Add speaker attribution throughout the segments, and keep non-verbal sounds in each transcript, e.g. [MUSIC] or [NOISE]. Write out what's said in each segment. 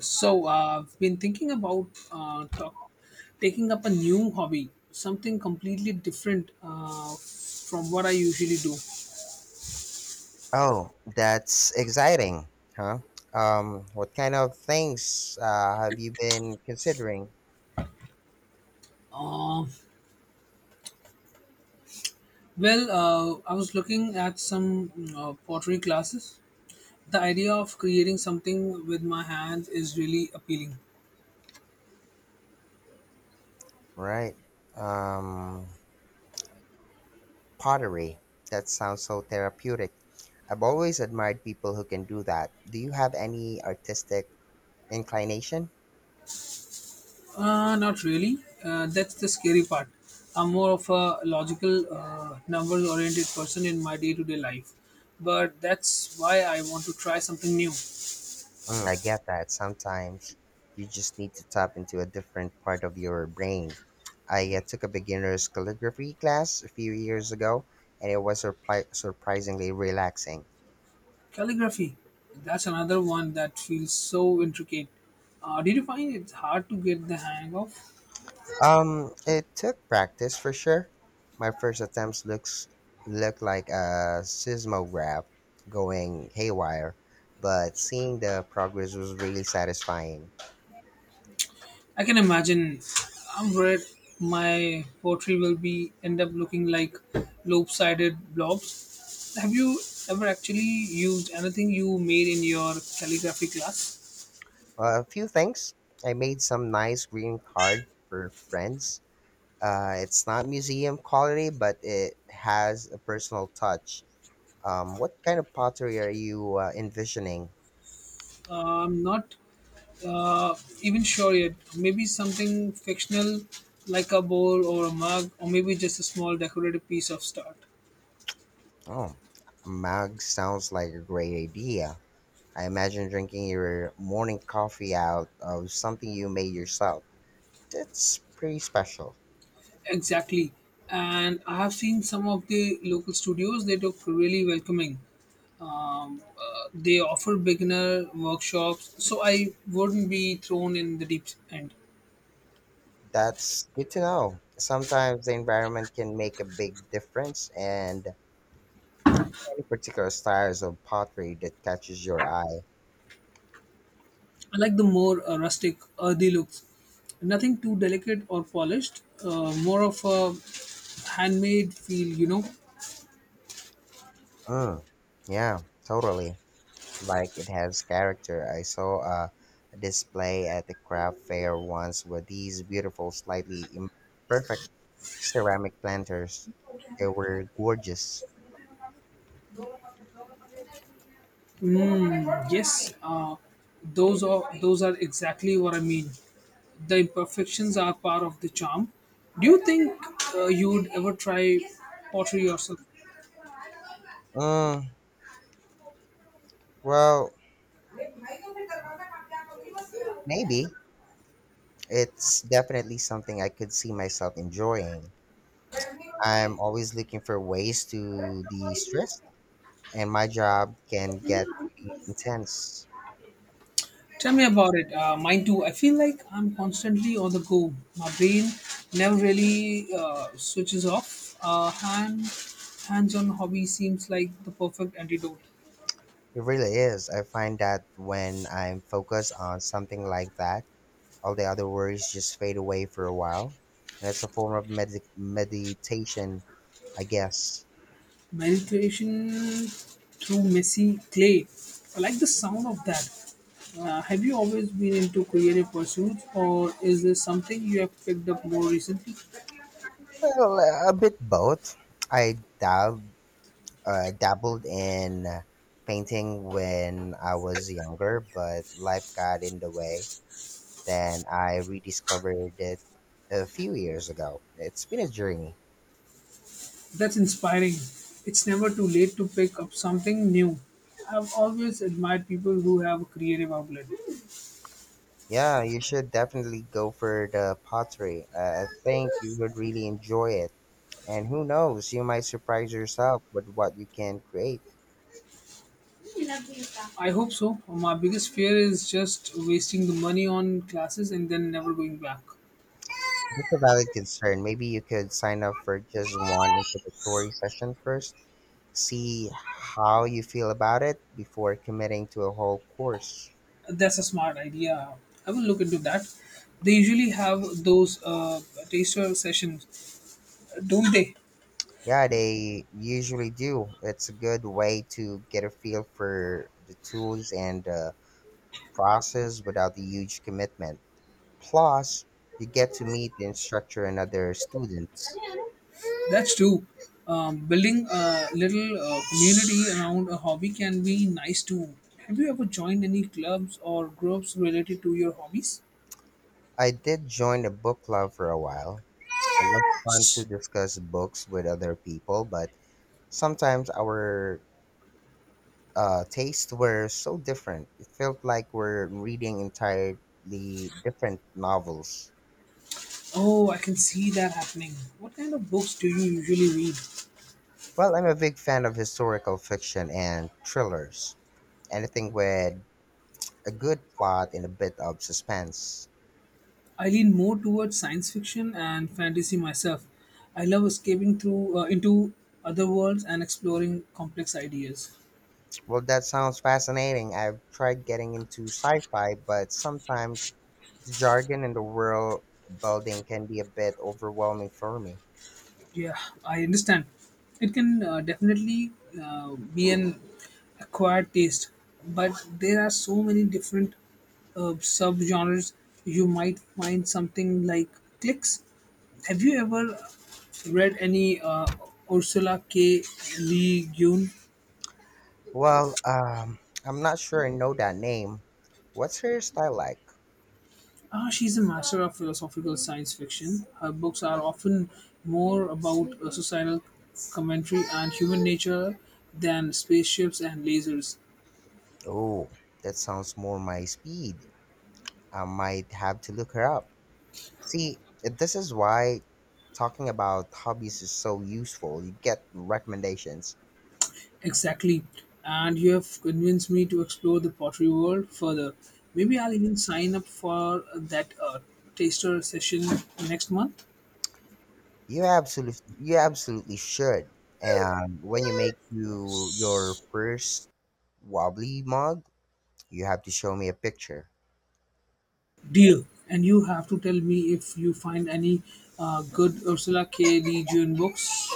Speaker 1: So I've been thinking about taking up a new hobby, something completely different from what I usually do.
Speaker 2: Oh, that's exciting, huh? What kind of things have you been considering?
Speaker 1: Uh, well, I was looking at some pottery classes. The idea of creating something with my hands is really appealing.
Speaker 2: Right. Um, Pottery. That sounds so therapeutic. I've always admired people who can do that. Do you have any artistic inclination?
Speaker 1: Not really. That's the scary part. I'm more of a logical, numbers oriented person in my day to day life. But that's why I want to try something new.
Speaker 2: Mm, I get that. Sometimes you just need to tap into a different part of your brain. I took a beginner's calligraphy class a few years ago, and it was surprisingly relaxing.
Speaker 1: Calligraphy, that's another one that feels so intricate. Did you find it hard to get the hang of?
Speaker 2: It took practice for sure. My first attempts looks looked like a seismograph going haywire, but seeing the progress was really satisfying.
Speaker 1: I can imagine. I'm worried my poetry will be end up looking like lopsided blobs. Have you ever actually used anything you made in your calligraphy class?
Speaker 2: A few things. I made some nice green card for friends. It's not museum quality, but it has a personal touch. What kind of pottery are you envisioning?
Speaker 1: I'm not uh, even sure yet. Maybe something fictional like a bowl or a mug, or maybe just a small decorative piece of art.
Speaker 2: Oh, a mug sounds like a great idea. I imagine drinking your morning coffee out of something you made yourself. That's pretty special.
Speaker 1: Exactly. And I have seen some of the local studios, they look really welcoming. They offer beginner workshops, so I wouldn't be thrown in the deep end.
Speaker 2: That's good to know. Sometimes the environment can make a big difference, and any particular styles of pottery that catches your eye.
Speaker 1: I like the more rustic, earthy looks. Nothing too delicate or polished, more of a handmade feel.
Speaker 2: Mm, yeah, totally. Like it has character. I saw a display at the craft fair once with these beautiful, slightly imperfect ceramic planters. They were gorgeous.
Speaker 1: Mm, yes, those are exactly what I mean. The imperfections are part of the charm. Do you think you would ever try pottery yourself?
Speaker 2: Mm, well, maybe. It's definitely something I could see myself enjoying. I'm always looking for ways to de stress, and my job can get pretty intense.
Speaker 1: Tell me about it. Mine too. I feel like I'm constantly on the go. My brain never really switches off. Hands-on hobby seems like the perfect antidote.
Speaker 2: It really is. I find that when I'm focused on something like that, all the other worries just fade away for a while. And it's a form of meditation, I guess.
Speaker 1: Meditation through messy clay. I like the sound of that. Have you always been into creative pursuits, or is this something you have picked up more recently?
Speaker 2: Well, a bit both. I dabbled in painting when I was younger, but life got in the way. Then I rediscovered it a few years ago. It's been a journey.
Speaker 1: That's inspiring. It's never too late to pick up something new. I've always admired people who have a creative outlet.
Speaker 2: Yeah, you should definitely go for the pottery. I think you would really enjoy it. And who knows, you might surprise yourself with what you can create.
Speaker 1: I hope so. My biggest fear is just wasting the money on classes and then never going back.
Speaker 2: That's a valid concern. Maybe you could sign up for just one introductory session first, see how you feel about it before committing to a whole course.
Speaker 1: That's a smart idea. I will look into that. They usually have those taster sessions, don't they?
Speaker 2: Yeah, they usually do. It's a good way to get a feel for the tools and the process without the huge commitment. Plus, you get to meet the instructor and other students.
Speaker 1: That's true. Building a little community around a hobby can be nice too. Have you ever joined any clubs or groups related to your hobbies?
Speaker 2: I did join a book club for a while. It was fun to discuss books with other people, but sometimes our tastes were so different. It felt like we're reading entirely different novels.
Speaker 1: Oh, I can see that happening. What kind of books do you usually read?
Speaker 2: Well, I'm a big fan of historical fiction and thrillers, anything with a good plot and a bit of suspense.
Speaker 1: I lean more towards science fiction and fantasy myself. I love escaping through into other worlds and exploring complex ideas.
Speaker 2: Well, that sounds fascinating. I've tried getting into sci-fi, but sometimes the jargon and the world building can be a bit overwhelming for me.
Speaker 1: Yeah, I understand. It can definitely be an acquired taste, but there are so many different subgenres. You might find something like clicks. Have you ever read any Ursula K. Le Guin?
Speaker 2: Well, I'm not sure I know that name. What's her style like?
Speaker 1: Ah, she's a master of philosophical science fiction. Her books are often more about societal commentary and human nature than spaceships and lasers.
Speaker 2: Oh, that sounds more my speed. I might have to look her up. See, this is why talking about hobbies is so useful. You get recommendations.
Speaker 1: Exactly. And you have convinced me to explore the pottery world further. Maybe I'll even sign up for that taster session next month.
Speaker 2: You absolutely should. And when you make your first wobbly mug, you have to show me a picture.
Speaker 1: Deal. And you have to tell me if you find any good Ursula K. Le Guin books.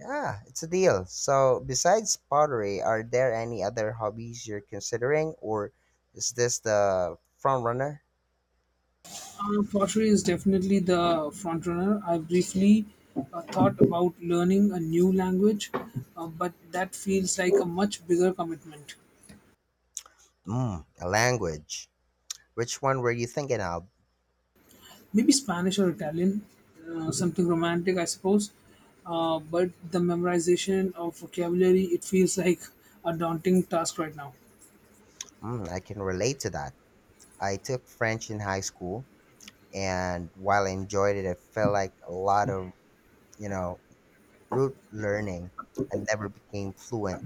Speaker 2: Yeah, it's a deal. So, besides pottery, are there any other hobbies you're considering, or is this the front runner?
Speaker 1: Pottery is definitely the front runner. I briefly thought about learning a new language, but that feels like a much bigger commitment.
Speaker 2: Mm, a language. Which one were you thinking of?
Speaker 1: Maybe Spanish or Italian, something romantic, I suppose. But the memorization of vocabulary, it feels like a daunting task right now.
Speaker 2: Mm, I can relate to that. I took French in high school, and while I enjoyed it, I felt like a lot of you know rote learning and never became fluent.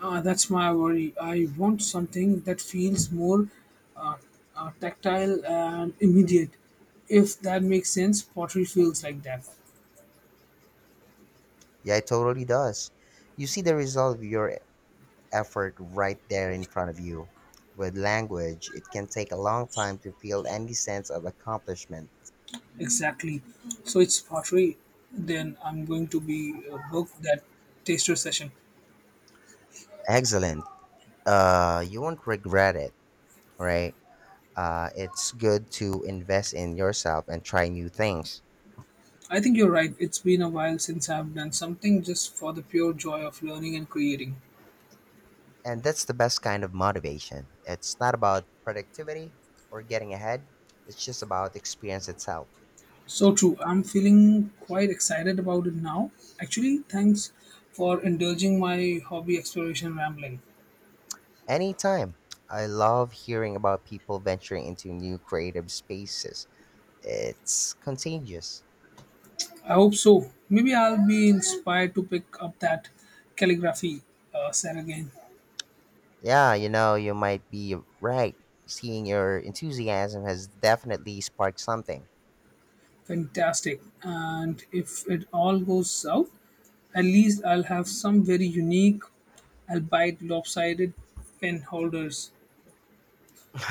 Speaker 1: That's my worry. I want something that feels more uh, tactile and immediate. If that makes sense, pottery feels like that.
Speaker 2: Yeah, it totally does. You see the result of your effort right there in front of you. With language, it can take a long time to feel any sense of accomplishment.
Speaker 1: Exactly. So it's pottery. Then I'm going to be a book that taster session.
Speaker 2: Excellent. You won't regret it, right? It's good to invest in yourself and try new things.
Speaker 1: I think you're right. It's been a while since I've done something just for the pure joy of learning and creating.
Speaker 2: And that's the best kind of motivation. It's not about productivity or getting ahead, it's just about experience itself.
Speaker 1: So true. I'm feeling quite excited about it now. Actually, thanks for indulging my hobby exploration rambling.
Speaker 2: Anytime. I love hearing about people venturing into new creative spaces. It's contagious.
Speaker 1: I hope so. Maybe I'll be inspired to pick up that calligraphy set again.
Speaker 2: Yeah, you know, you might be right. Seeing your enthusiasm has definitely sparked something.
Speaker 1: Fantastic. And if it all goes south, at least I'll have some very unique, albeit lopsided pen holders.
Speaker 2: [LAUGHS]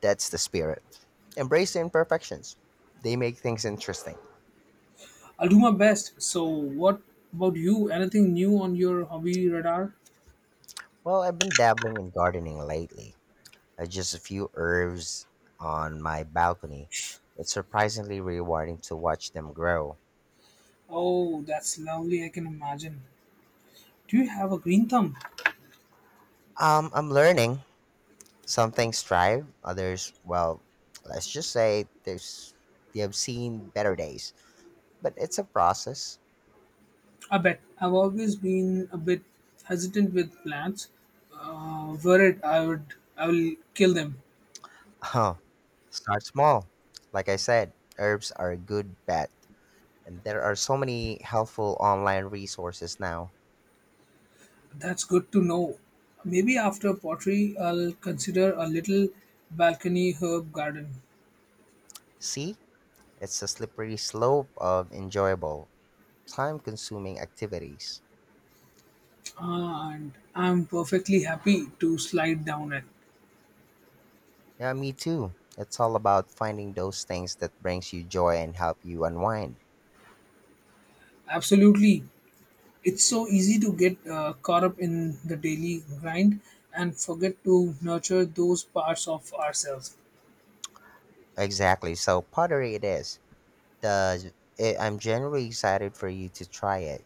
Speaker 2: That's the spirit. Embrace the imperfections. They make things interesting.
Speaker 1: I'll do my best. So, what about you? Anything new on your hobby radar?
Speaker 2: Well, I've been dabbling in gardening lately. Just a few herbs on my balcony. It's surprisingly rewarding to watch them grow.
Speaker 1: Oh, that's lovely. I can imagine. Do you have a green thumb?
Speaker 2: I'm learning. Some things thrive, others, well, let's just say there's they have seen better days. But it's a process. [LAUGHS]
Speaker 1: I bet. I've always been a bit hesitant with plants. Were it, I would, I will kill them.
Speaker 2: Huh. Start small. Like I said, herbs are a good bet. And there are so many helpful online resources now.
Speaker 1: That's good to know. Maybe after pottery, I'll consider a little balcony herb garden.
Speaker 2: See? It's a slippery slope of enjoyable, time consuming activities.
Speaker 1: Ah, and I'm perfectly happy to slide down it.
Speaker 2: Yeah, me too. It's all about finding those things that brings you joy and help you unwind.
Speaker 1: Absolutely. It's so easy to get caught up in the daily grind and forget to nurture those parts of ourselves.
Speaker 2: Exactly. So pottery it is. The, I'm generally excited for you to try it.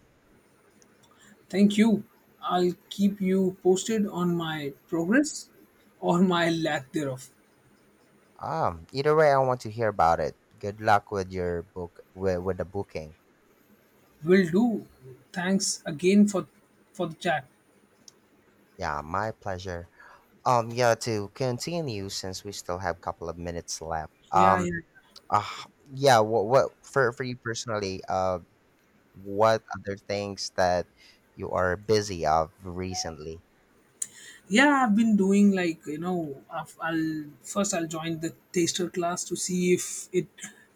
Speaker 1: Thank you. I'll keep you posted on my progress or my lack thereof.
Speaker 2: Either way, I want to hear about it. Good luck with your with the booking.
Speaker 1: Will do. Thanks again for the chat.
Speaker 2: Yeah, my pleasure. Yeah, to continue since we still have a couple of minutes left.
Speaker 1: Yeah, yeah.
Speaker 2: Uh, yeah, what for you personally? What other things that you are busy of recently?
Speaker 1: Yeah, I've been doing like I've, I'll first I'll join the taster class to see if it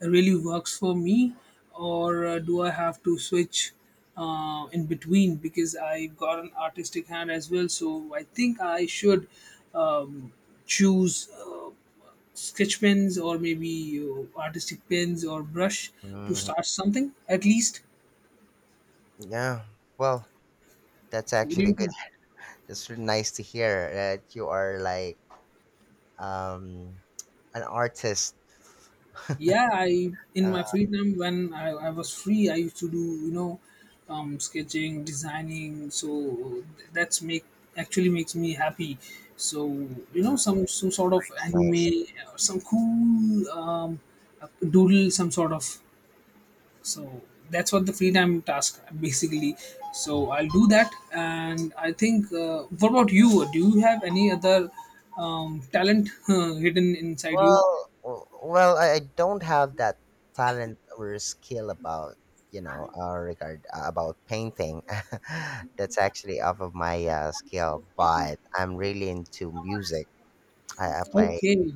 Speaker 1: really works for me, or do I have to switch in between because I've got an artistic hand as well. So I think I should um, choose sketch pens or maybe artistic pens or brush to
Speaker 2: Mm,
Speaker 1: start something at least.
Speaker 2: yeah, well, that's
Speaker 1: What do
Speaker 2: actually
Speaker 1: you
Speaker 2: good.
Speaker 1: think?
Speaker 2: [LAUGHS] That's really nice to hear that you are like um an artist.
Speaker 1: Yeah, I in my
Speaker 2: Uh,
Speaker 1: free time when I was free, I used to do sketching, designing. So th- that's make actually makes me happy. So some sort of
Speaker 2: it's nice.
Speaker 1: anime, some cool doodle, some sort of. So that's what the free time task basically. So I'll do that, and I think. What about you? Do you have any other talent [LAUGHS] hidden inside you?
Speaker 2: Well, well, I don't have that talent or skill about you know regard about painting. [LAUGHS] That's actually off of my skill, but I'm really into music. I play
Speaker 1: Okay.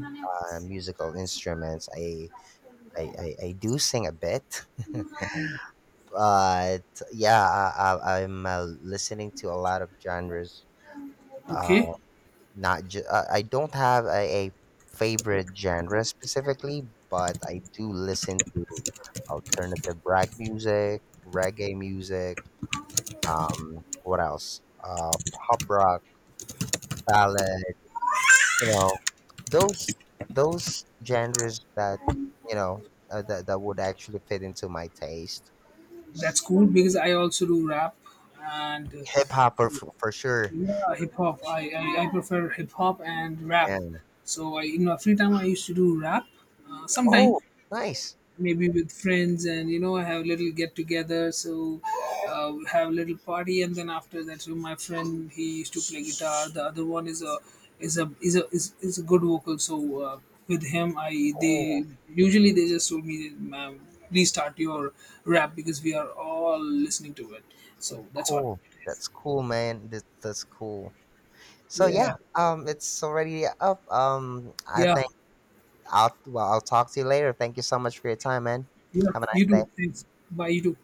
Speaker 2: musical instruments. I, I do sing a bit, but yeah, I'm listening to a lot of genres.
Speaker 1: Okay,
Speaker 2: Uh, not ju- I don't have a favorite genre specifically, but I do listen to alternative rag music, reggae music, what else? Pop rock, ballad, you know, those those genres that you know that would actually fit into my taste.
Speaker 1: that's cool because I also do rap and
Speaker 2: Hip hop for sure,
Speaker 1: yeah, hip hop. I prefer hip hop and rap.
Speaker 2: and
Speaker 1: So I, in my free time, I used to do rap. Sometimes
Speaker 2: oh, nice,
Speaker 1: maybe with friends and have a little get together, so have a little party. And then after that, so my friend, he used to play guitar, the other one is a good vocal, so with him I they
Speaker 2: cool,
Speaker 1: usually they just told me, ma'am, please start your rap because we are all listening to it. So that's what
Speaker 2: cool.
Speaker 1: it is.
Speaker 2: That's cool, man. That's cool. So yeah,
Speaker 1: Yeah,
Speaker 2: it's already up. I
Speaker 1: yeah,
Speaker 2: think I'll talk to you later. Thank you so much for your time, man.
Speaker 1: yeah,
Speaker 2: Have a
Speaker 1: you too,
Speaker 2: nice day.
Speaker 1: thanks. Bye, you too.